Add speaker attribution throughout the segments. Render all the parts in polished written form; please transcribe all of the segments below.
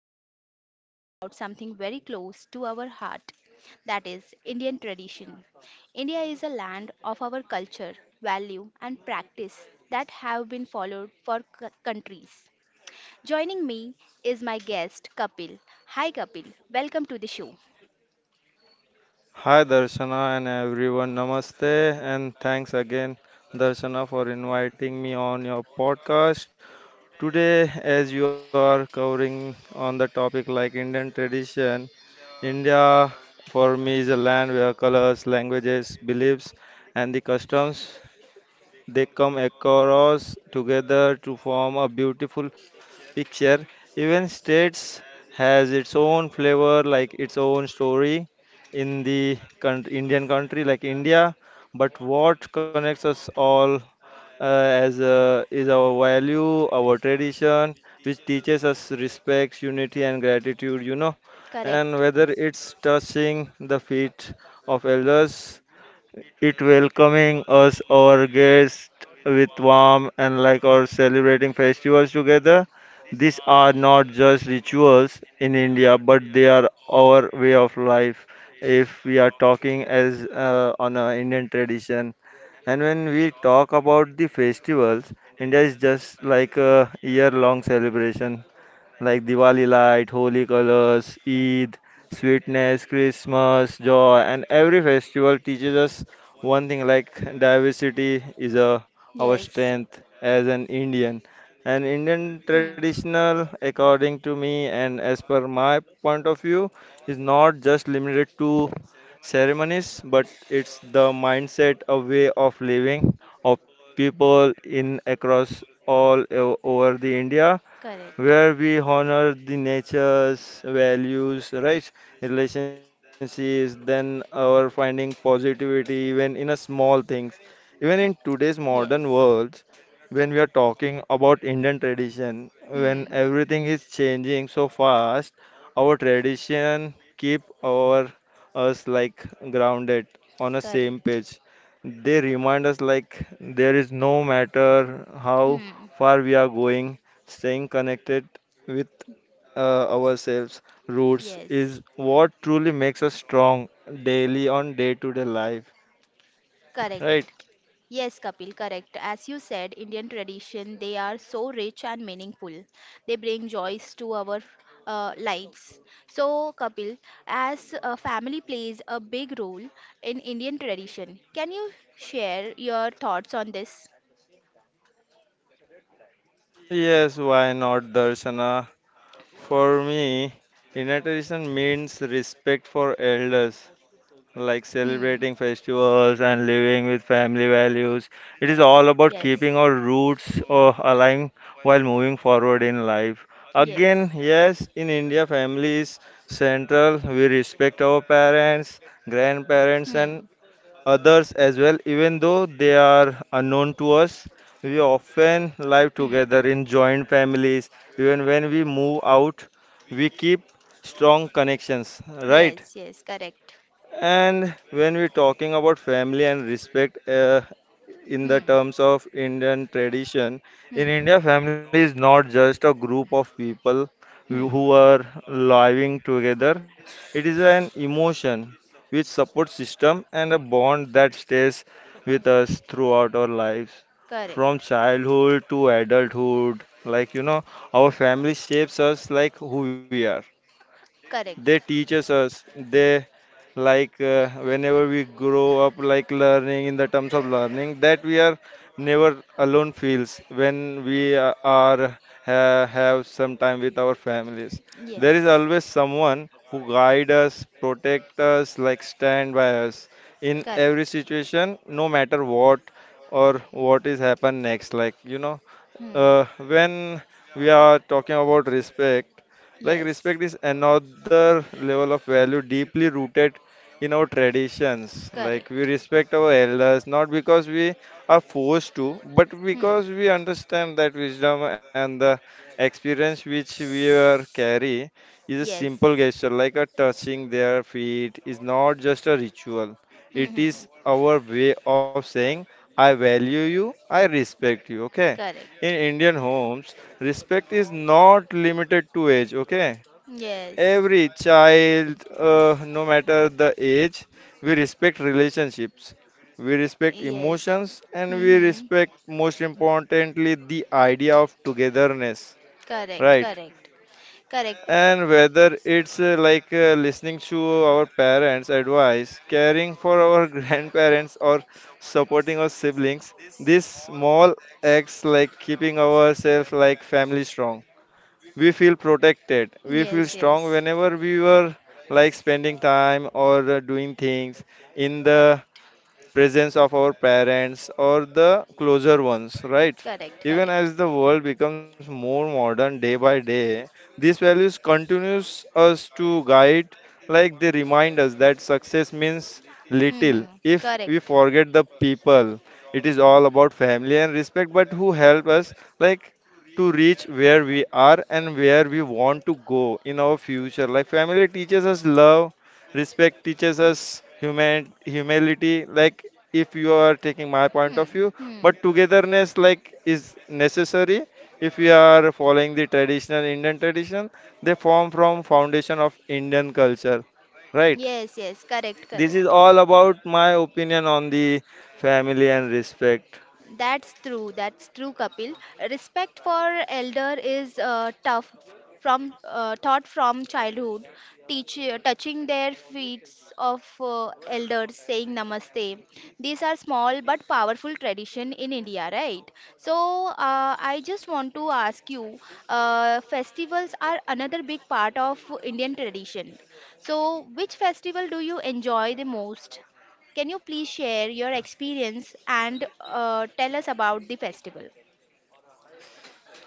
Speaker 1: Today we are talking about something very close to our heart, that is Indian tradition. India is a land of our culture, value and practice that have been followed for countries. Joining me is my guest Kapil. Hi Kapil, welcome to the show.
Speaker 2: Hi Darshana and everyone, namaste and thanks again Darshana for inviting me on your podcast. Today as you are covering on the topic like Indian tradition, India for me is a land where colors, languages, beliefs and the customs they come across together to form a beautiful picture. Even states has its own flavor, like its own story in the country, Indian country, like India. But what connects us all as is our value, our tradition, which teaches us respect, unity, and gratitude. And
Speaker 1: Correct.
Speaker 2: whether it's touching the feet of elders it welcoming us, our guests, with warmth and like or celebrating festivals together. These are not just rituals in India, but they are our way of life. If we are talking as on a Indian tradition, and when we talk about the festivals, India is just like a year-long celebration like Diwali light, holy colors, Eid, sweetness, Christmas, joy, and every festival teaches us one thing like diversity is a,
Speaker 1: Our
Speaker 2: our
Speaker 1: Yes.
Speaker 2: strength as an Indian. And Indian traditional, according to me and as per my point of view, is not just limited to ceremonies, but it's the mindset, a way of living of people in across all over the India where we honor the nature's values, right? Relationships, then our finding positivity even in a small things. Even in today's modern
Speaker 1: Yes.
Speaker 2: world, when we are talking about Indian tradition,
Speaker 1: And
Speaker 2: when
Speaker 1: everything.
Speaker 2: everything is changing so fast, our tradition keep our us like grounded on a same
Speaker 1: Correct.
Speaker 2: page. They remind us like there is no matter how
Speaker 1: Hmm.
Speaker 2: far
Speaker 1: but
Speaker 2: we are going. Staying connected with ourselves, roots,
Speaker 1: Yes.
Speaker 2: is what truly makes us strong daily on day to day life, right?
Speaker 1: Correct. Yes, Kapil, correct. As you said, Indian tradition, they are so rich and meaningful. They bring joys to our lives. So, Kapil, as family plays a big role in Indian tradition, can you share your thoughts on this?
Speaker 2: Yes, why not, Darshana? For me, inner tradition means respect for elders, like
Speaker 1: Hmm.
Speaker 2: celebrating festivals and living with family values. It is all about
Speaker 1: Yes.
Speaker 2: keeping our roots alive while moving forward in life.
Speaker 1: Yes.
Speaker 2: Again, yes, in India, family is central. We respect our parents, grandparents, and
Speaker 1: Hmm.
Speaker 2: others as well, even though they are unknown to us. We often live together in joint families. Even when we move out, we keep strong connections,
Speaker 1: Hmm.
Speaker 2: right?
Speaker 1: Yes, yes, correct.
Speaker 2: And when we're talking about family and respect in the
Speaker 1: Hmm.
Speaker 2: terms of Indian tradition, in
Speaker 1: Hmm.
Speaker 2: India, family is not just a group of people who
Speaker 1: Hmm.
Speaker 2: who are living together, it is an emotion which support system and a bond that stays with us throughout our lives
Speaker 1: Correct.
Speaker 2: from childhood to adulthood. Like, our family shapes us like who we are they
Speaker 1: Correct.
Speaker 2: teaches us they like whenever we grow up like learning in the terms of learning that we are never alone feels when we are have some time with our families
Speaker 1: Yes.
Speaker 2: there is always someone who guide us protect us like stand by us in every
Speaker 1: Correct.
Speaker 2: situation no matter what or what is happen next like
Speaker 1: Hmm.
Speaker 2: when we are talking about respect, like
Speaker 1: Yes.
Speaker 2: respect is another level of value deeply rooted in our traditions.
Speaker 1: Correct.
Speaker 2: Like we respect our elders not because we are forced to, but
Speaker 1: Hmm.
Speaker 2: because we understand that wisdom and the experience which we are carry is a
Speaker 1: Yes.
Speaker 2: simple gesture, like a touching their feet is not just a ritual.
Speaker 1: Hmm.
Speaker 2: It
Speaker 1: Hmm.
Speaker 2: is our way of saying, I value you, I respect you. Okay.
Speaker 1: Correct.
Speaker 2: In Indian homes, respect is not limited to age, okay?
Speaker 1: Yes.
Speaker 2: Every child, no matter the age, we respect relationships, we respect
Speaker 1: Yes.
Speaker 2: emotions, and
Speaker 1: Hmm.
Speaker 2: we
Speaker 1: Hmm.
Speaker 2: respect, most importantly, the idea of togetherness,
Speaker 1: Correct.
Speaker 2: right?
Speaker 1: Correct. Correct.
Speaker 2: And whether it's listening to our parents' advice, caring for our grandparents, or supporting our siblings, these small acts like keeping ourselves like family strong. We feel protected. We feel
Speaker 1: Yes,
Speaker 2: strong
Speaker 1: yes.
Speaker 2: whenever we were like spending time or doing things in the
Speaker 1: Correct.
Speaker 2: presence of our parents or the closer ones, right?
Speaker 1: Correct,
Speaker 2: Even
Speaker 1: correct.
Speaker 2: as the world becomes more modern day by day, these values continues us to guide, like they remind us that success means
Speaker 1: Hmm, hmm.
Speaker 2: little if we
Speaker 1: Correct.
Speaker 2: forget the people. It is all about family and respect, but who help us like to reach where we are and where we want to go in our future. Like family teaches us love, respect teaches us human humility like if you are taking my point of
Speaker 1: Hmm,
Speaker 2: view
Speaker 1: hmm.
Speaker 2: but togetherness like is necessary if we are following the traditional Indian tradition they form from foundation of Indian culture, right?
Speaker 1: Yes, yes. Correct, correct.
Speaker 2: This is all about my opinion on the family and respect.
Speaker 1: That's true. That's true, Kapil. Respect for elder is tough from taught from childhood. Teach Touching their feet of elders, saying namaste. These are small but powerful tradition in India, right? So I just want to ask you, festivals are another big part of Indian tradition. So which festival do you enjoy the most? Can you please share your experience and tell us about the festival?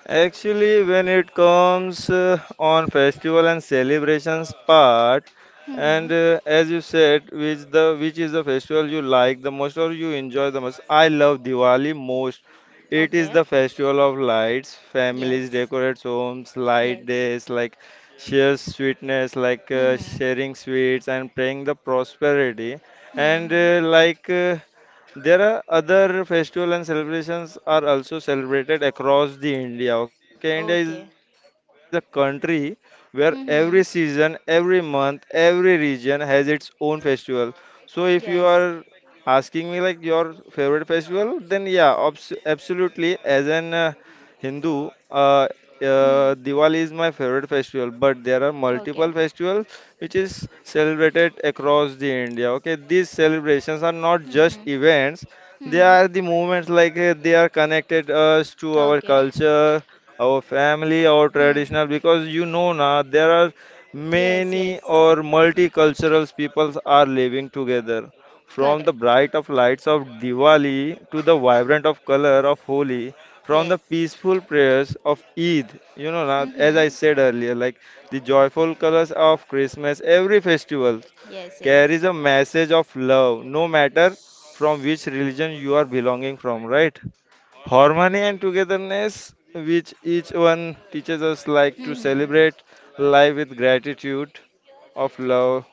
Speaker 2: Actually, when it comes on festival and celebrations part,
Speaker 1: Mm-hmm.
Speaker 2: and as you said, which is the festival you like the most or you enjoy the most? I love Diwali most. It is
Speaker 1: Okay.
Speaker 2: the festival of lights. Families
Speaker 1: Yes.
Speaker 2: decorate homes, light
Speaker 1: Yes.
Speaker 2: days, like share sweetness, like
Speaker 1: Mm-hmm.
Speaker 2: sharing sweets and praying the prosperity, and
Speaker 1: Mm-hmm.
Speaker 2: there are other festival and celebrations are also celebrated across the India. Okay, India is a
Speaker 1: Okay.
Speaker 2: country where every season, every
Speaker 1: Mm-hmm.
Speaker 2: month, every region has its own festival. So if you are
Speaker 1: Yes.
Speaker 2: asking me like your favorite festival, then yeah, obs absolutely. As an Hindu,
Speaker 1: Hmm.
Speaker 2: Diwali is my favorite festival, but there are
Speaker 1: Okay.
Speaker 2: multiple festivals which is celebrated across the India. Okay, these celebrations are not just
Speaker 1: Mm-hmm.
Speaker 2: events they
Speaker 1: Mm-hmm.
Speaker 2: are the moments like they are connected us to our
Speaker 1: Okay.
Speaker 2: culture, our family, our
Speaker 1: Hmm.
Speaker 2: traditional. Because you know now there are
Speaker 1: Yes.
Speaker 2: many
Speaker 1: Yes.
Speaker 2: or multicultural peoples are living together. From the
Speaker 1: Correct.
Speaker 2: bright of lights of Diwali to the vibrant of color of Holi, from the
Speaker 1: Yes.
Speaker 2: peaceful prayers of Eid, you know, now, as I
Speaker 1: Mm-hmm.
Speaker 2: said earlier, like the joyful colors of Christmas, every festival
Speaker 1: Yes. Yes.
Speaker 2: carries a message of love, no matter from which religion you are belonging from, right? Harmony and togetherness, which each one teaches us like to
Speaker 1: Mm-hmm.
Speaker 2: celebrate life with gratitude of love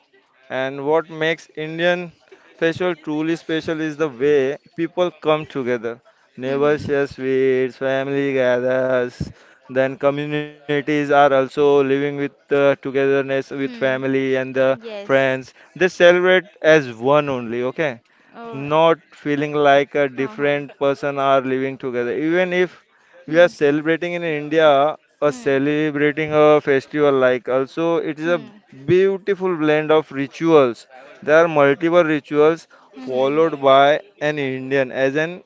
Speaker 2: and what makes Indian festival truly special is the way people come together. Neighbors
Speaker 1: Mm-hmm.
Speaker 2: share sweets, family gathers, then communities are also living with togetherness with
Speaker 1: Hmm.
Speaker 2: family and the
Speaker 1: Yes.
Speaker 2: friends. They celebrate as one only, okay?
Speaker 1: Oh.
Speaker 2: Not feeling like a
Speaker 1: हाँ हाँ.
Speaker 2: different person are living together. Even if we are
Speaker 1: hmm.
Speaker 2: celebrating in India, or
Speaker 1: hmm.
Speaker 2: celebrating a festival like also it is a
Speaker 1: hmm.
Speaker 2: beautiful blend of rituals there are multiple rituals
Speaker 1: hmm.
Speaker 2: followed by an Indian as an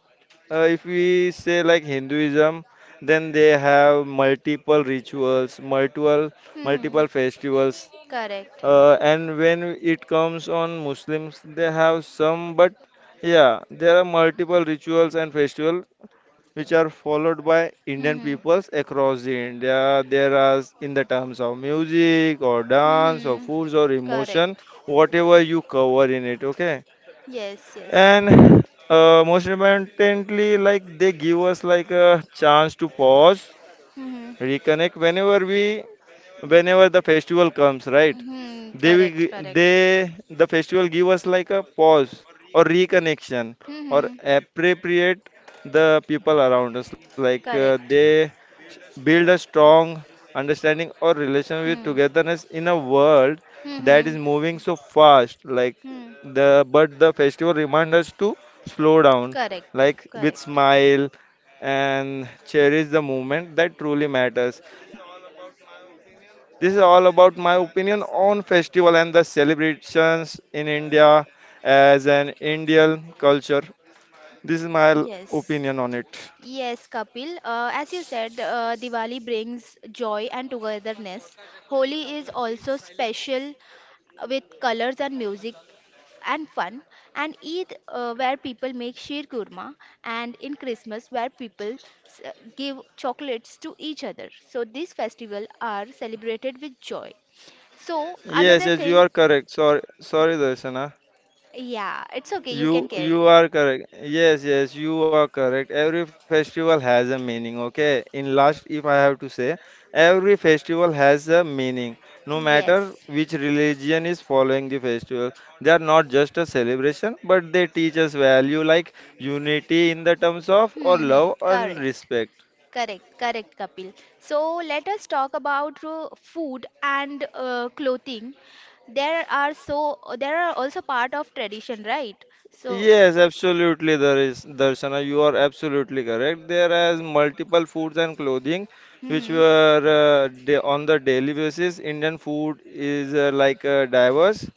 Speaker 2: if we say like Hinduism then they have multiple rituals multiple
Speaker 1: hmm.
Speaker 2: multiple festivals
Speaker 1: Correct.
Speaker 2: and when it comes on Muslims they have some but yeah there are multiple rituals and festivals which are followed by Indian
Speaker 1: hmm.
Speaker 2: peoples across the India. There are in the terms of music or dance or
Speaker 1: hmm.
Speaker 2: foods or emotion,
Speaker 1: Correct.
Speaker 2: whatever you cover in it. Okay,
Speaker 1: Yes, yes.
Speaker 2: and most importantly, like they give us like a chance to pause,
Speaker 1: hmm.
Speaker 2: reconnect whenever we whenever the festival comes, right?
Speaker 1: Hmm.
Speaker 2: They will
Speaker 1: Correct, correct.
Speaker 2: the festival give us like a pause or reconnection
Speaker 1: hmm.
Speaker 2: or appropriate the people around us. Like
Speaker 1: Correct.
Speaker 2: s- build a strong understanding or relation with
Speaker 1: hmm.
Speaker 2: togetherness in a world that is
Speaker 1: hmm.
Speaker 2: moving so fast. Like
Speaker 1: hmm.
Speaker 2: the but the festival remind us to slow down,
Speaker 1: Correct.
Speaker 2: like with
Speaker 1: Correct.
Speaker 2: smile and cherish the moment that truly matters. This is all about my opinion on festival and the celebrations in India as an Indian culture. This is my opinion
Speaker 1: Yes.
Speaker 2: on it.
Speaker 1: Yes, Kapil. As you said, Diwali brings joy and togetherness. Holi is also special with colors and music and fun. And Eid, where people make sheer kurma, and in Christmas, where people s- give chocolates to each other. So these festivals are celebrated with joy. So
Speaker 2: Yes, yes,
Speaker 1: another
Speaker 2: you are
Speaker 1: thing,
Speaker 2: correct. Sorry, sorry, Darshana.
Speaker 1: yeah, it's okay. You
Speaker 2: You
Speaker 1: can carry.
Speaker 2: you are correct. Yes, yes, you are correct. Every festival has a meaning, okay? In last, if I have to say, every festival has a meaning. No matter
Speaker 1: Yes.
Speaker 2: which religion is following the festival, they are not just a celebration, but they teach us value like unity in the terms of or
Speaker 1: Hmm. Hmm,
Speaker 2: love and
Speaker 1: correct.
Speaker 2: respect.
Speaker 1: Correct, correct, Kapil. So let us talk about food and clothing. There are also part of tradition, right? So,
Speaker 2: Yes, absolutely, there is Darshana. You are absolutely correct. There is multiple foods and clothing which were
Speaker 1: mm-hmm.
Speaker 2: da on the daily basis. Indian food is diverse.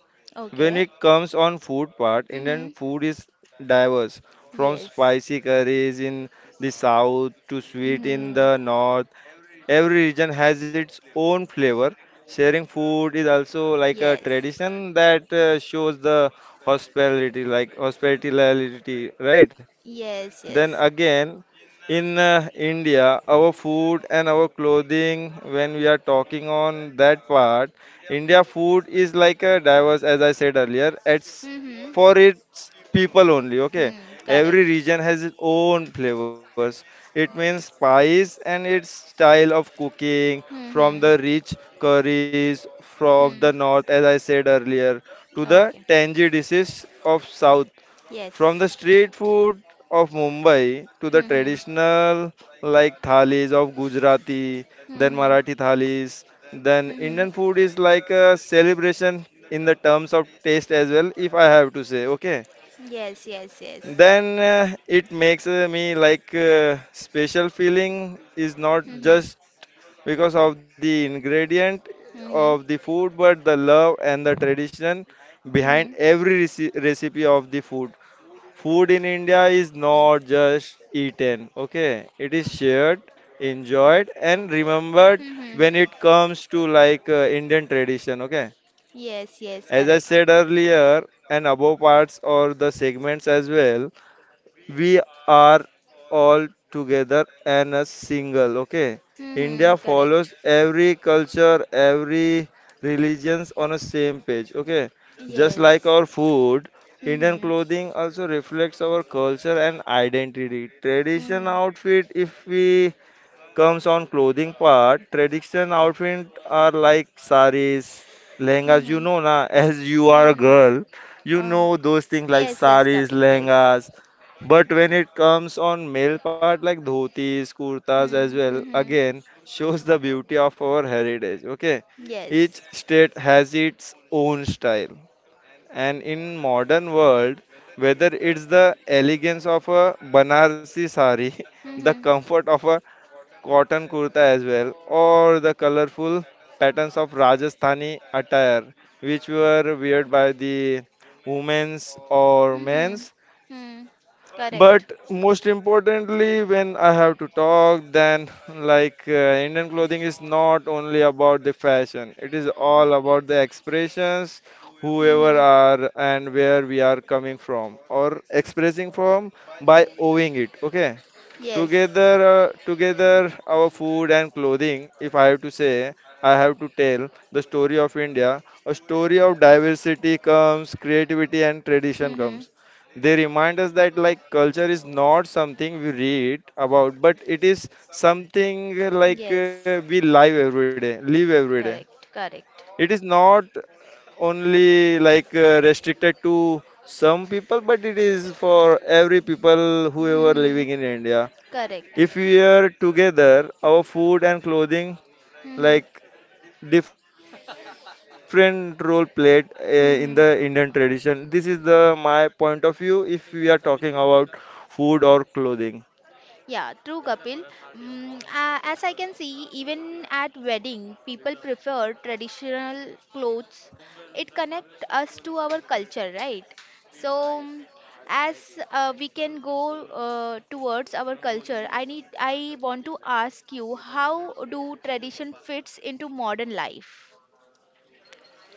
Speaker 2: When
Speaker 1: Okay,
Speaker 2: it comes on food part,
Speaker 1: mm-hmm.
Speaker 2: Indian food is diverse from
Speaker 1: Yes,
Speaker 2: spicy curries in the south to sweet in
Speaker 1: mm-hmm.
Speaker 2: the north. Every region has its own flavor. Sharing food is also like a
Speaker 1: Yes,
Speaker 2: tradition that shows the hospitality, like hospitality, right?
Speaker 1: yes,
Speaker 2: Then
Speaker 1: yes,
Speaker 2: again, in India, our food and our clothing, when we are talking on that part, India food is like a diverse, as I said earlier, it's
Speaker 1: mm-hmm.
Speaker 2: for its people only, okay?
Speaker 1: Hmm,
Speaker 2: Every
Speaker 1: correct.
Speaker 2: region has its own flavors. It means spice and its style of cooking, from
Speaker 1: Mm-hmm.
Speaker 2: the rich curries from
Speaker 1: Hmm.
Speaker 2: the north, as I said earlier, to the
Speaker 1: Okay.
Speaker 2: tangy dishes of south.
Speaker 1: Yes.
Speaker 2: From the street food of Mumbai to the
Speaker 1: Mm-hmm.
Speaker 2: traditional like thalis of Gujarati, then
Speaker 1: Hmm.
Speaker 2: Marathi thalis, then
Speaker 1: Hmm.
Speaker 2: Indian food is like a celebration in the terms of taste as well, if I have to say, okay.
Speaker 1: Yes, yes, yes.
Speaker 2: Then it makes me like special feeling is not
Speaker 1: Hmm.
Speaker 2: just because of the ingredient of
Speaker 1: Hmm.
Speaker 2: the food, but the love and the tradition behind
Speaker 1: Hmm.
Speaker 2: every recipe of the food. Food in India is not just eaten, okay? It is shared, enjoyed, and remembered
Speaker 1: Hmm.
Speaker 2: when it comes to Indian tradition, okay?
Speaker 1: Yes, yes,
Speaker 2: As I
Speaker 1: correct.
Speaker 2: said earlier, and above parts or the segments as well, we are all together and a single, okay.
Speaker 1: Hmm.
Speaker 2: India
Speaker 1: Correct.
Speaker 2: follows every culture, every religions on a same page, okay, just like
Speaker 1: Yes.
Speaker 2: our food. Indian
Speaker 1: Hmm.
Speaker 2: clothing also reflects our culture and identity tradition
Speaker 1: Hmm.
Speaker 2: outfit. If we comes on clothing part, traditional outfit are like saris, lehengas. You
Speaker 1: Hmm.
Speaker 2: know, na as you are a
Speaker 1: Hmm.
Speaker 2: girl, you
Speaker 1: Oh.
Speaker 2: know those things like
Speaker 1: Yes, yes,
Speaker 2: saris,
Speaker 1: Kapil, yes.
Speaker 2: lehengas. But when it comes on male part, like dhotis, kurtas as
Speaker 1: Hmm.
Speaker 2: well,
Speaker 1: Hmm.
Speaker 2: again shows the beauty of our heritage. Okay, each
Speaker 1: Yes.
Speaker 2: state has its own style, and in modern world, whether it's the elegance of a Banarsi sari, the
Speaker 1: Hmm.
Speaker 2: comfort of a cotton kurta as well, or the colorful patterns of Rajasthani attire, which were weird by the women's or
Speaker 1: Hmm.
Speaker 2: men's.
Speaker 1: Hmm. Correct.
Speaker 2: But most importantly, when I have to talk, then Indian clothing is not only about the fashion, it is all about the expressions, whoever
Speaker 1: Hmm.
Speaker 2: are and where we are coming from or expressing from by owing it. Okay,
Speaker 1: Yes.
Speaker 2: together, together, our food and clothing, if I have to say, I have to tell the story of India, a story of diversity comes, creativity, and tradition
Speaker 1: Hmm.
Speaker 2: comes. They remind us that like culture is not something we read about, but it is something
Speaker 1: Yes.
Speaker 2: we live every day, live every day.
Speaker 1: Correct. Correct.
Speaker 2: It is not only restricted to some people, but it is for every people whoever
Speaker 1: Hmm.
Speaker 2: living in India.
Speaker 1: Correct.
Speaker 2: If we are together, our food and clothing
Speaker 1: Hmm.
Speaker 2: like different role played in the Indian tradition.
Speaker 1: Hmm.
Speaker 2: This is the my point of view if we are talking about food or clothing.
Speaker 1: Yeah, true, Kapil. Mm, as I can see, even at wedding, people prefer traditional clothes. It connects us to our culture, right? So, mm, as we can go towards our culture, I want to ask you, how do tradition fits into modern life?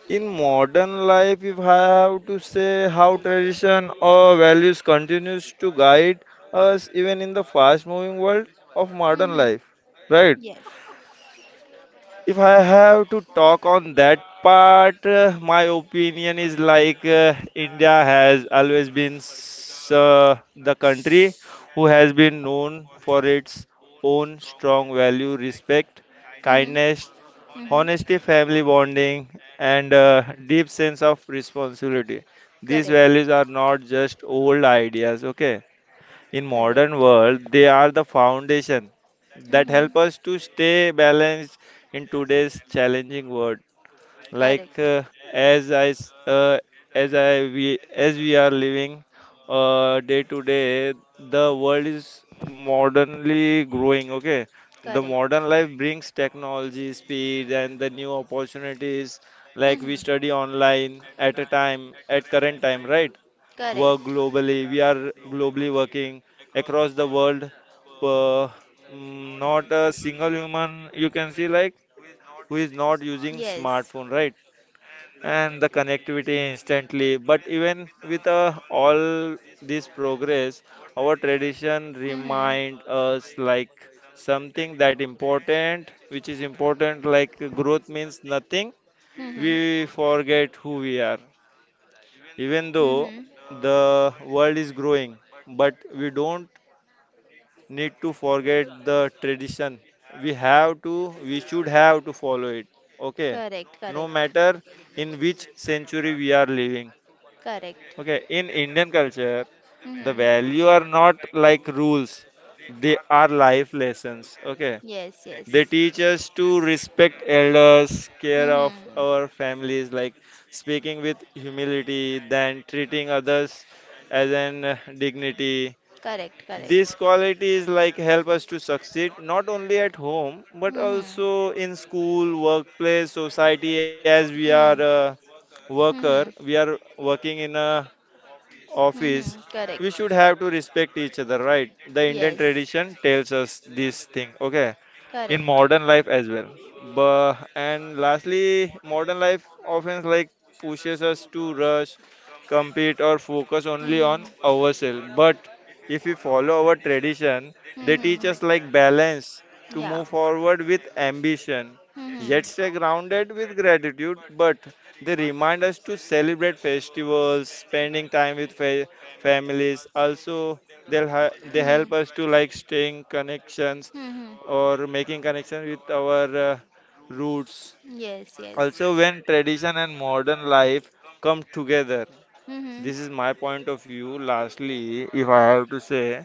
Speaker 2: In modern life, if I have to say how tradition or values continues to guide us even in the fast moving world of modern
Speaker 1: Mm-hmm.
Speaker 2: life, right?
Speaker 1: Yes.
Speaker 2: If I have to talk on that part, my opinion is India has always been the country who has been known for its own strong value, respect,
Speaker 1: Mm-hmm.
Speaker 2: kindness, honesty,
Speaker 1: Mm-hmm.
Speaker 2: family bonding, and deep sense of responsibility. These
Speaker 1: Correct.
Speaker 2: values are not just old ideas, okay? In modern
Speaker 1: Correct.
Speaker 2: world, they are the foundation that
Speaker 1: Mm-hmm.
Speaker 2: help us to stay balanced in today's challenging world, like
Speaker 1: Correct.
Speaker 2: uh, as I s- as I we as we are living day to day, the world is modernly growing. Okay, the
Speaker 1: Correct.
Speaker 2: modern life brings technology, speed, and the new opportunities. Like we
Speaker 1: Mm-hmm.
Speaker 2: study online at a time, at current time, right?
Speaker 1: Correct.
Speaker 2: Work globally. We are globally working across the world. Uh, Not a single human you can see like who is not using smartphone,
Speaker 1: Yes.
Speaker 2: right? And the connectivity instantly. But even with all this progress, our tradition remind us like something that important, which is important like growth means nothing.
Speaker 1: Hmm. Hmm.
Speaker 2: We forget who we are. Even though
Speaker 1: Mm-hmm.
Speaker 2: the world is growing, but we don't need to forget the tradition we have to we should have to follow it, okay,
Speaker 1: Correct,
Speaker 2: no
Speaker 1: correct,
Speaker 2: matter in which century we are living,
Speaker 1: correct.
Speaker 2: okay. In Indian culture, the
Speaker 1: Mm-hmm.
Speaker 2: value are not like rules, they are life lessons, okay.
Speaker 1: Yes, yes.
Speaker 2: They teach us to respect elders, care of
Speaker 1: Mm-hmm.
Speaker 2: our families, like speaking with humility, then treating others as an dignity.
Speaker 1: Correct, correct.
Speaker 2: These qualities like help us to succeed not only at home but
Speaker 1: Mhm.
Speaker 2: also in school, workplace, society, as we are
Speaker 1: Hmm.
Speaker 2: a worker,
Speaker 1: Mhm.
Speaker 2: we are working in a office,
Speaker 1: Mhm.
Speaker 2: we
Speaker 1: Correct.
Speaker 2: should have to respect each other, right? The Indian
Speaker 1: Yes.
Speaker 2: tradition tells us this thing, okay? In
Speaker 1: Correct.
Speaker 2: modern life as well. But, and lastly, modern life often like pushes us to rush, compete, or focus only on ourselves. But if we follow our tradition, they
Speaker 1: Mhm.
Speaker 2: teach
Speaker 1: Mhm.
Speaker 2: us like balance to
Speaker 1: Yeah.
Speaker 2: move forward with ambition, yet
Speaker 1: Mhm.
Speaker 2: stay grounded with gratitude. But they remind us to celebrate festivals, spending time with families. Also, they help us to like staying connections
Speaker 1: Hmm. Mhm.
Speaker 2: or making connections with our roots.
Speaker 1: Yes, yes.
Speaker 2: Also, when tradition and modern life come together, this is my point of view. Lastly, if I have to
Speaker 1: Mhm.
Speaker 2: say,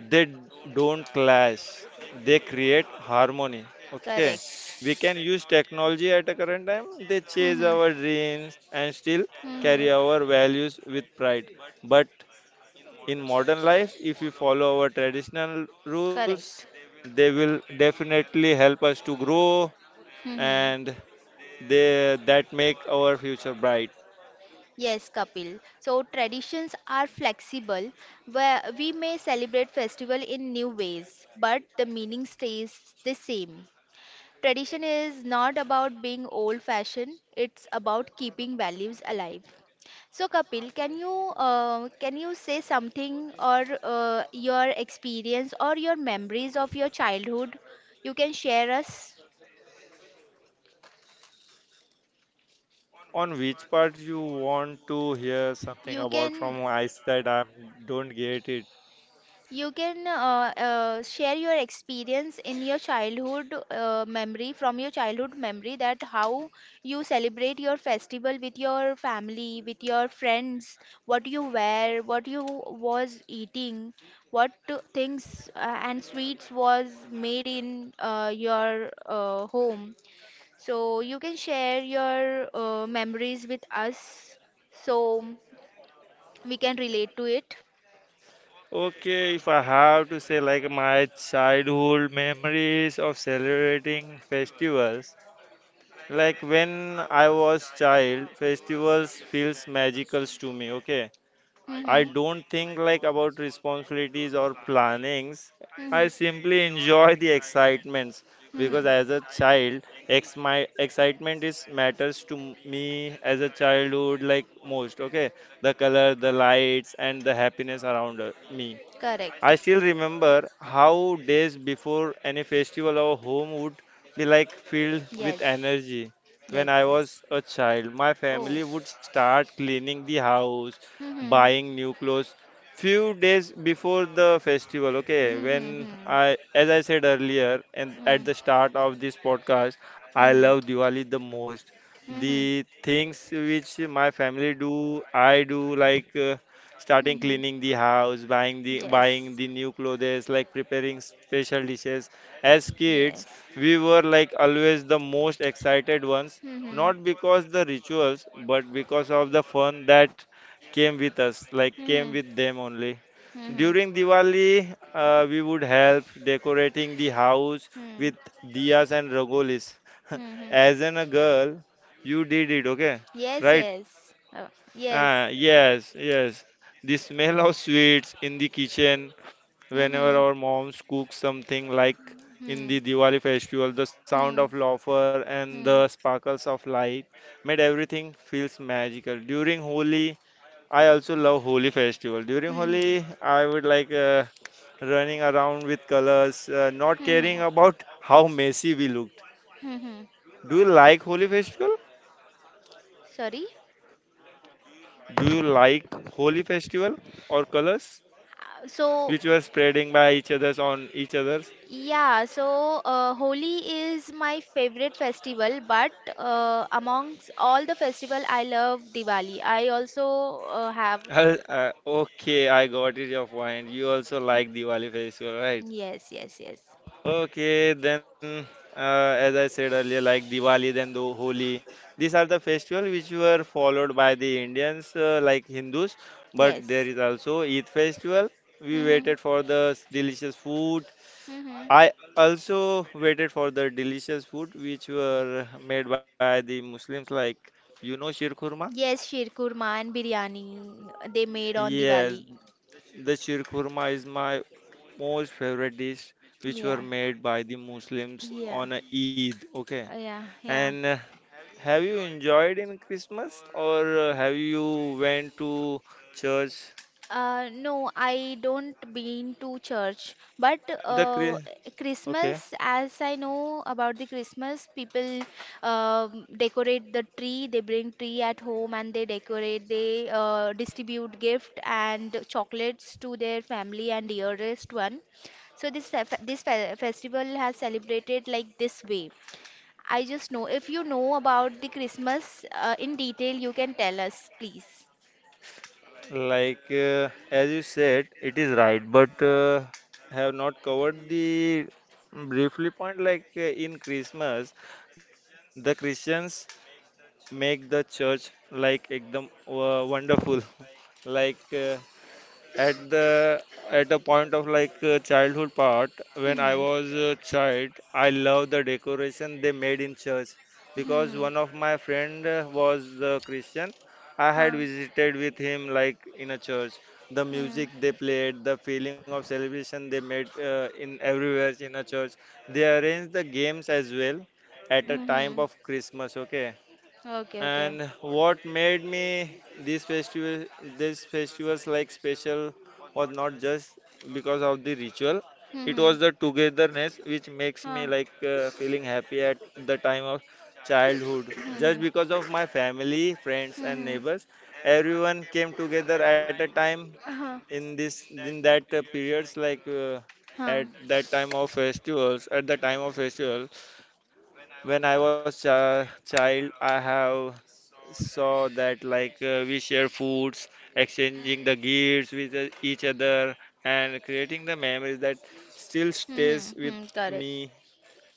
Speaker 2: they don't clash, they create harmony, okay.
Speaker 1: Correct.
Speaker 2: We can use technology at a current time, they chase our dreams and still carry our values with pride. But in modern life, if we follow our traditional rules,
Speaker 1: Correct.
Speaker 2: they will definitely help us to grow
Speaker 1: Mm-hmm.
Speaker 2: and they that make our future bright.
Speaker 1: Yes, Kapil. So traditions are flexible, where we may celebrate festival in new ways, but the meaning stays the same. Tradition is not about being old fashioned, it's about keeping values alive. So Kapil, can you say something or your experience or your memories of your childhood you can share us?
Speaker 2: On which part you want to hear something
Speaker 1: You
Speaker 2: about
Speaker 1: can.
Speaker 2: from my side? I don't get it.
Speaker 1: You can share your experience in your childhood memory, from your childhood memory, that how you celebrate your festival with your family, with your friends, what you wear, what you was eating, what things and sweets was made in your home. So you can share your memories with us so we can relate to it.
Speaker 2: Okay, if I have to say like my childhood memories of celebrating festivals, like when I was child, festivals feels magical to me, okay? I
Speaker 1: Mm-hmm. Mm-hmm.
Speaker 2: don't think like about responsibilities or plannings. I simply enjoy the excitements because as a child, ex my excitement is matters to me as a childhood like most, okay? The color, the lights, and the happiness around me.
Speaker 1: Mm-hmm. Correct.
Speaker 2: I still remember how days before any festival our home would be like filled with
Speaker 1: Yes.
Speaker 2: energy. When
Speaker 1: Yes.
Speaker 2: I
Speaker 1: Yes.
Speaker 2: was a child, my
Speaker 1: Oh.
Speaker 2: family would start cleaning the house,
Speaker 1: Mm-hmm.
Speaker 2: buying new clothes few days before the festival. Okay, when
Speaker 1: Mm-hmm.
Speaker 2: I, as I said earlier, and at the start of this podcast, I
Speaker 1: Mm-hmm.
Speaker 2: love Diwali the most.
Speaker 1: Mm-hmm.
Speaker 2: The things which my family do, I do like. Starting
Speaker 1: Mm-hmm.
Speaker 2: cleaning the house, buying
Speaker 1: Yes.
Speaker 2: the new clothes, like preparing special dishes. As kids,
Speaker 1: Yes.
Speaker 2: we were like always the most excited ones,
Speaker 1: Mhm.
Speaker 2: not because the rituals, but because of the fun that came with us, like came
Speaker 1: Mhm.
Speaker 2: with them only.
Speaker 1: Mhm.
Speaker 2: During Diwali, we would help decorating the house
Speaker 1: Mhm.
Speaker 2: with diyas and rangolis.
Speaker 1: Mhm.
Speaker 2: As an a girl, you did it, okay?
Speaker 1: Yes,
Speaker 2: Right?
Speaker 1: yes. Oh, yes.
Speaker 2: Ah, yes, yes. The smell of sweets in the kitchen whenever
Speaker 1: Mhm.
Speaker 2: our moms cook something like in
Speaker 1: Mhm.
Speaker 2: the Diwali festival, the sound of
Speaker 1: Mhm.
Speaker 2: laughter and the
Speaker 1: Mhm.
Speaker 2: sparkles of light made everything feels magical. During Holi, I also love Holi festival. During
Speaker 1: Mhm.
Speaker 2: Holi, I would running around with colors, not caring
Speaker 1: Mhm.
Speaker 2: about how messy we looked.
Speaker 1: Mhm.
Speaker 2: Do you like Holi festival?
Speaker 1: Sorry.
Speaker 2: Do you like Holi festival or colors?
Speaker 1: So,
Speaker 2: Which were spreading by each other's on each other's.
Speaker 1: yeah, so Holi is my favorite festival, but amongst all the festival, I love Diwali. I also have.
Speaker 2: I'll- Uh, okay, I got it, your point. You also like Diwali festival, right?
Speaker 1: Yes, yes, yes.
Speaker 2: Okay, then as I said earlier, like Diwali, then the Holi. These are the festivals which were followed by the Indians, like Hindus. But there
Speaker 1: Yes.
Speaker 2: is also Eid festival. We
Speaker 1: Mhm.
Speaker 2: waited for the delicious food.
Speaker 1: Mhm.
Speaker 2: I also waited for the delicious food which were made by the Muslims, like you know, Shir Kurma.
Speaker 1: Yes, Shirkurma and biryani they made on
Speaker 2: Yes,
Speaker 1: Diwali.
Speaker 2: the shirkurma is my most favorite dish, which were
Speaker 1: Yeah,
Speaker 2: made by the Muslims
Speaker 1: yeah,
Speaker 2: on a Eid. Okay,
Speaker 1: yeah,
Speaker 2: and
Speaker 1: yeah.
Speaker 2: have you enjoyed in Christmas or have you went to church?
Speaker 1: No, I don't been to church, but
Speaker 2: The
Speaker 1: uh,
Speaker 2: Chri- okay,
Speaker 1: Christmas, as I know about the Christmas, people decorate the tree. They bring tree at home and they decorate. They distribute gift and chocolates to their family and dearest one. So this festival has celebrated like this way. I just know if you know about the Christmas in detail, you can tell us, please.
Speaker 2: as you said, it is right, but have not covered the briefly point. In Christmas, the Christians make the church like ekdam wonderful like uh, at the at a point of childhood part when I
Speaker 1: Hmm.
Speaker 2: was a child, I love the decoration they made in church because
Speaker 1: Hmm.
Speaker 2: one of my friend was the Christian. I
Speaker 1: Huh.
Speaker 2: had visited with him like in a church. The
Speaker 1: Hmm.
Speaker 2: music they played, the feeling of celebration they made in everywhere in a church, they arranged the games as well at a
Speaker 1: Hmm.
Speaker 2: time of Christmas, okay.
Speaker 1: Okay. Okay.
Speaker 2: And what made me these festivals like special was not just because of the ritual. It
Speaker 1: Hmm.
Speaker 2: was the togetherness which makes
Speaker 1: Huh.
Speaker 2: me feeling happy at the time of childhood.
Speaker 1: Hmm. Hmm.
Speaker 2: Just because of my family, friends, and neighbors, everyone came together at a time
Speaker 1: Huh.
Speaker 2: in this in that periods
Speaker 1: Huh.
Speaker 2: at that time of festivals at the time of festival when I was a child, I have saw that we share foods, exchanging the gifts with each other, and creating the memories that still stays
Speaker 1: Hmm.
Speaker 2: with
Speaker 1: Hmm. Correct.
Speaker 2: me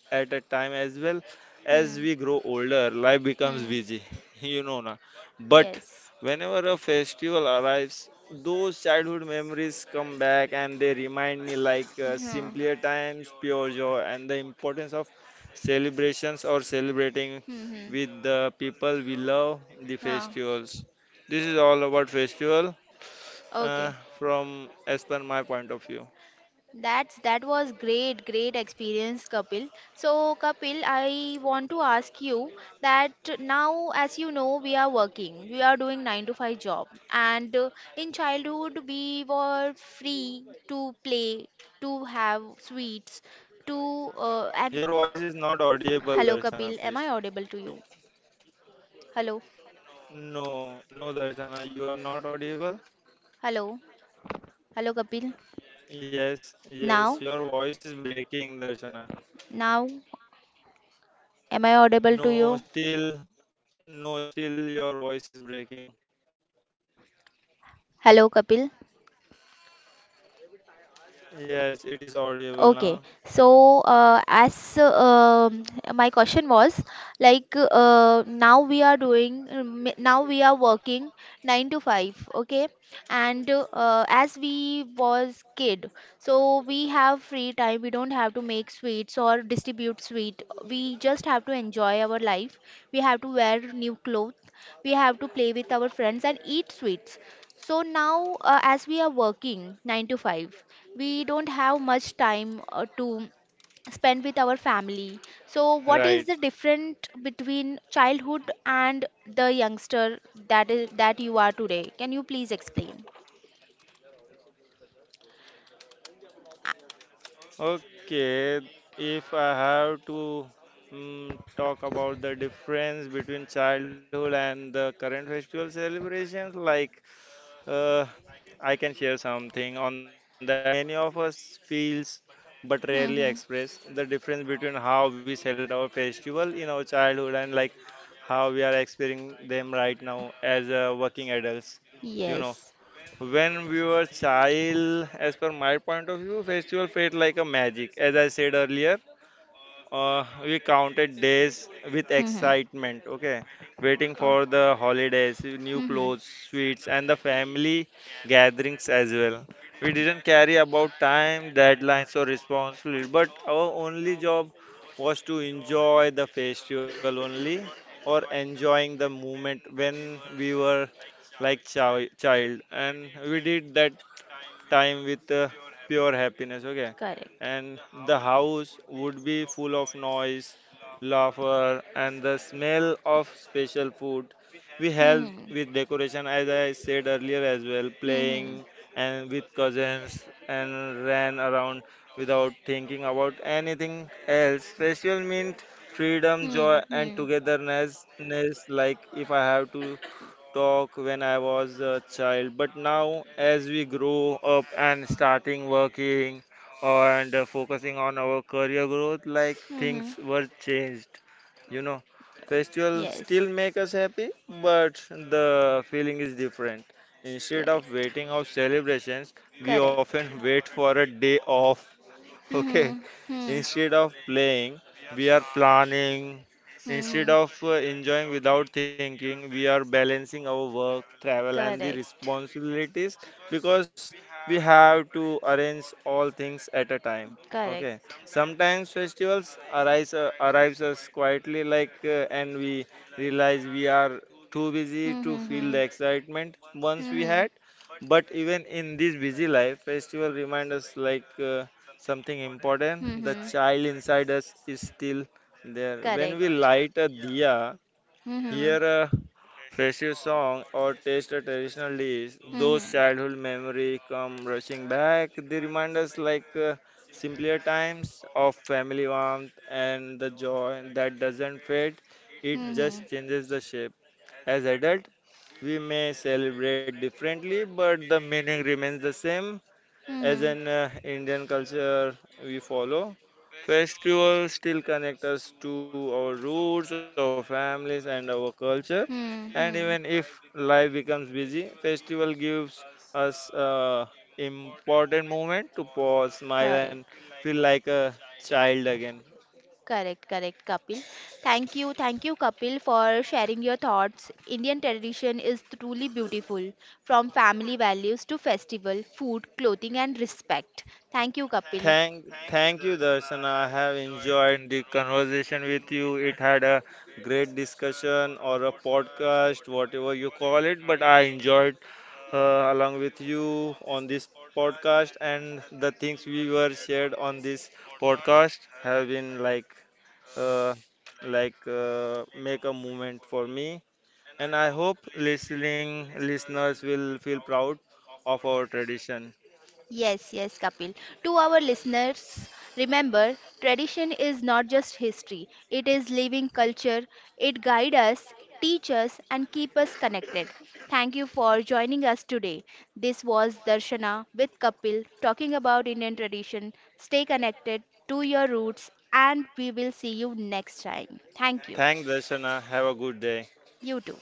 Speaker 2: at a time as well. As
Speaker 1: Hmm.
Speaker 2: we grow older, life becomes
Speaker 1: Hmm.
Speaker 2: busy, you know, na. But
Speaker 1: Yes.
Speaker 2: whenever a festival arrives, those childhood memories come back and they remind me
Speaker 1: Yeah.
Speaker 2: simpler times, pure joy, and the importance of celebrations or celebrating
Speaker 1: Mm-hmm.
Speaker 2: with the people we love the
Speaker 1: Ah,
Speaker 2: festivals. This is all about festival
Speaker 1: okay.
Speaker 2: from as per my point of view.
Speaker 1: That was great, great experience, Kapil. So, Kapil, I want to ask you that now, as you know, we are working, we are doing 9 to 5 job, and in childhood we were free to play, to have sweets, to
Speaker 2: Your
Speaker 1: and
Speaker 2: voice is not audible,
Speaker 1: hello,
Speaker 2: Darshana,
Speaker 1: Kapil, am
Speaker 2: please.
Speaker 1: I audible to you? Hello.
Speaker 2: No, no, Darshana, you are not audible.
Speaker 1: Hello, hello Kapil.
Speaker 2: Yes, yes,
Speaker 1: Now,
Speaker 2: your voice is breaking, Darshana.
Speaker 1: now, am I audible to
Speaker 2: No,
Speaker 1: you?
Speaker 2: still, no, still, your voice is breaking.
Speaker 1: Hello, Kapil.
Speaker 2: Yes, it is audible
Speaker 1: Okay,
Speaker 2: now.
Speaker 1: so as my question was like now we are doing now we are working 9 to 5, okay, and as we was kid, so we have free time. We don't have to make sweets or distribute sweet. We just have to enjoy our life. We have to wear new clothes. We have to play with our friends and eat sweets. So now, as we are working 9 to 5, we don't have much time to spend with our family. So, what is the
Speaker 2: Right.
Speaker 1: difference between childhood and the youngster that is that you are today? Can you please explain?
Speaker 2: Okay, if I have to talk about the difference between childhood and the current festival celebrations, uh, I can share something on that. Like many of us feels but rarely
Speaker 1: Mm-hmm.
Speaker 2: express the difference between how we celebrate our festival in our childhood and like how we are experiencing them right now as working adults. You know,
Speaker 1: Yes.
Speaker 2: when we were child, as per my point of view, festival felt like a magic, as I said earlier, we counted days with
Speaker 1: Mm-hmm.
Speaker 2: excitement, okay? Waiting for the holidays, new
Speaker 1: Mm-hmm.
Speaker 2: clothes, sweets, and the family gatherings as well. We didn't care about time, deadlines, or responsibility, but our only job was to enjoy the festival only or enjoying the moment when we were like child. And we did that time with pure happiness, okay?
Speaker 1: Correct.
Speaker 2: And the house would be full of noise, laughter, and the smell of special food. We help
Speaker 1: Mm-hmm.
Speaker 2: with decoration, as I said earlier as well,
Speaker 1: Mm-hmm.
Speaker 2: playing and with cousins and ran around without thinking about anything else. Special meant freedom,
Speaker 1: Hmm,
Speaker 2: joy, and
Speaker 1: hmm,
Speaker 2: togetherness. Ness, like if I have to talk when I was a child, but now as we grow up and starting working and focusing on our career growth, like
Speaker 1: hmm.
Speaker 2: things were changed. You know, festivals
Speaker 1: Yes,
Speaker 2: still make us happy, but the feeling is different. Instead of
Speaker 1: correct.
Speaker 2: waiting of celebrations, we
Speaker 1: Correct.
Speaker 2: often wait for a day off.
Speaker 1: Hmm,
Speaker 2: Okay,
Speaker 1: hmm, hmm.
Speaker 2: instead of playing, we are planning. Instead
Speaker 1: Hmm.
Speaker 2: of enjoying without thinking, we are balancing our work, travel, and the
Speaker 1: Correct.
Speaker 2: responsibilities because we have to arrange all things at a time. Okay,
Speaker 1: Correct.
Speaker 2: sometimes festivals arise arrives us quietly, like, and we realize we are too busy
Speaker 1: Hmm,
Speaker 2: to
Speaker 1: hmm,
Speaker 2: feel
Speaker 1: hmm.
Speaker 2: the excitement once we
Speaker 1: Hmm,
Speaker 2: had. But even in this busy life, festival remind us like. Something
Speaker 1: hmm,
Speaker 2: important,
Speaker 1: hmm.
Speaker 2: the
Speaker 1: Hmm.
Speaker 2: child inside us is still there.
Speaker 1: Correct.
Speaker 2: When we light a diya,
Speaker 1: Mm-hmm.
Speaker 2: hear a festive song, or taste a traditional dish, those
Speaker 1: Mm-hmm.
Speaker 2: childhood memory come rushing back. They remind us simpler times of family warmth and the joy that doesn't fade. It
Speaker 1: Mm-hmm. Mm-hmm.
Speaker 2: just changes the shape. As adult, we may celebrate differently, but the meaning remains the same as
Speaker 1: Mm-hmm.
Speaker 2: an Indian culture we follow. Festivals still connect us to our roots, our families, and our culture. And even if life becomes busy, festival gives us a important moment to pause, smile, and
Speaker 1: Correct.
Speaker 2: feel like a child again.
Speaker 1: Correct, correct, Kapil. Thank you, Kapil, for sharing your thoughts. Indian tradition is truly beautiful, from family values to festival, food, clothing, and respect. Thank you, Kapil.
Speaker 2: Thank you, Darshana. I have enjoyed the conversation with you. It had a great discussion or a podcast, whatever you call it, but I enjoyed along with you on this podcast, and the things we were shared on this podcast have been like, uh, make a movement for me, and I hope listening listeners will feel proud of our tradition.
Speaker 1: Yes, yes, Kapil. To our listeners, remember tradition is not just history, it is living culture. It guides us, teaches us, and keep us connected. Thank you for joining us today. This was Darshana with Kapil talking about Indian tradition. Stay connected to your roots, and we will see you next time. Thank you.
Speaker 2: Thank Darshana. Have a good day.
Speaker 1: You too.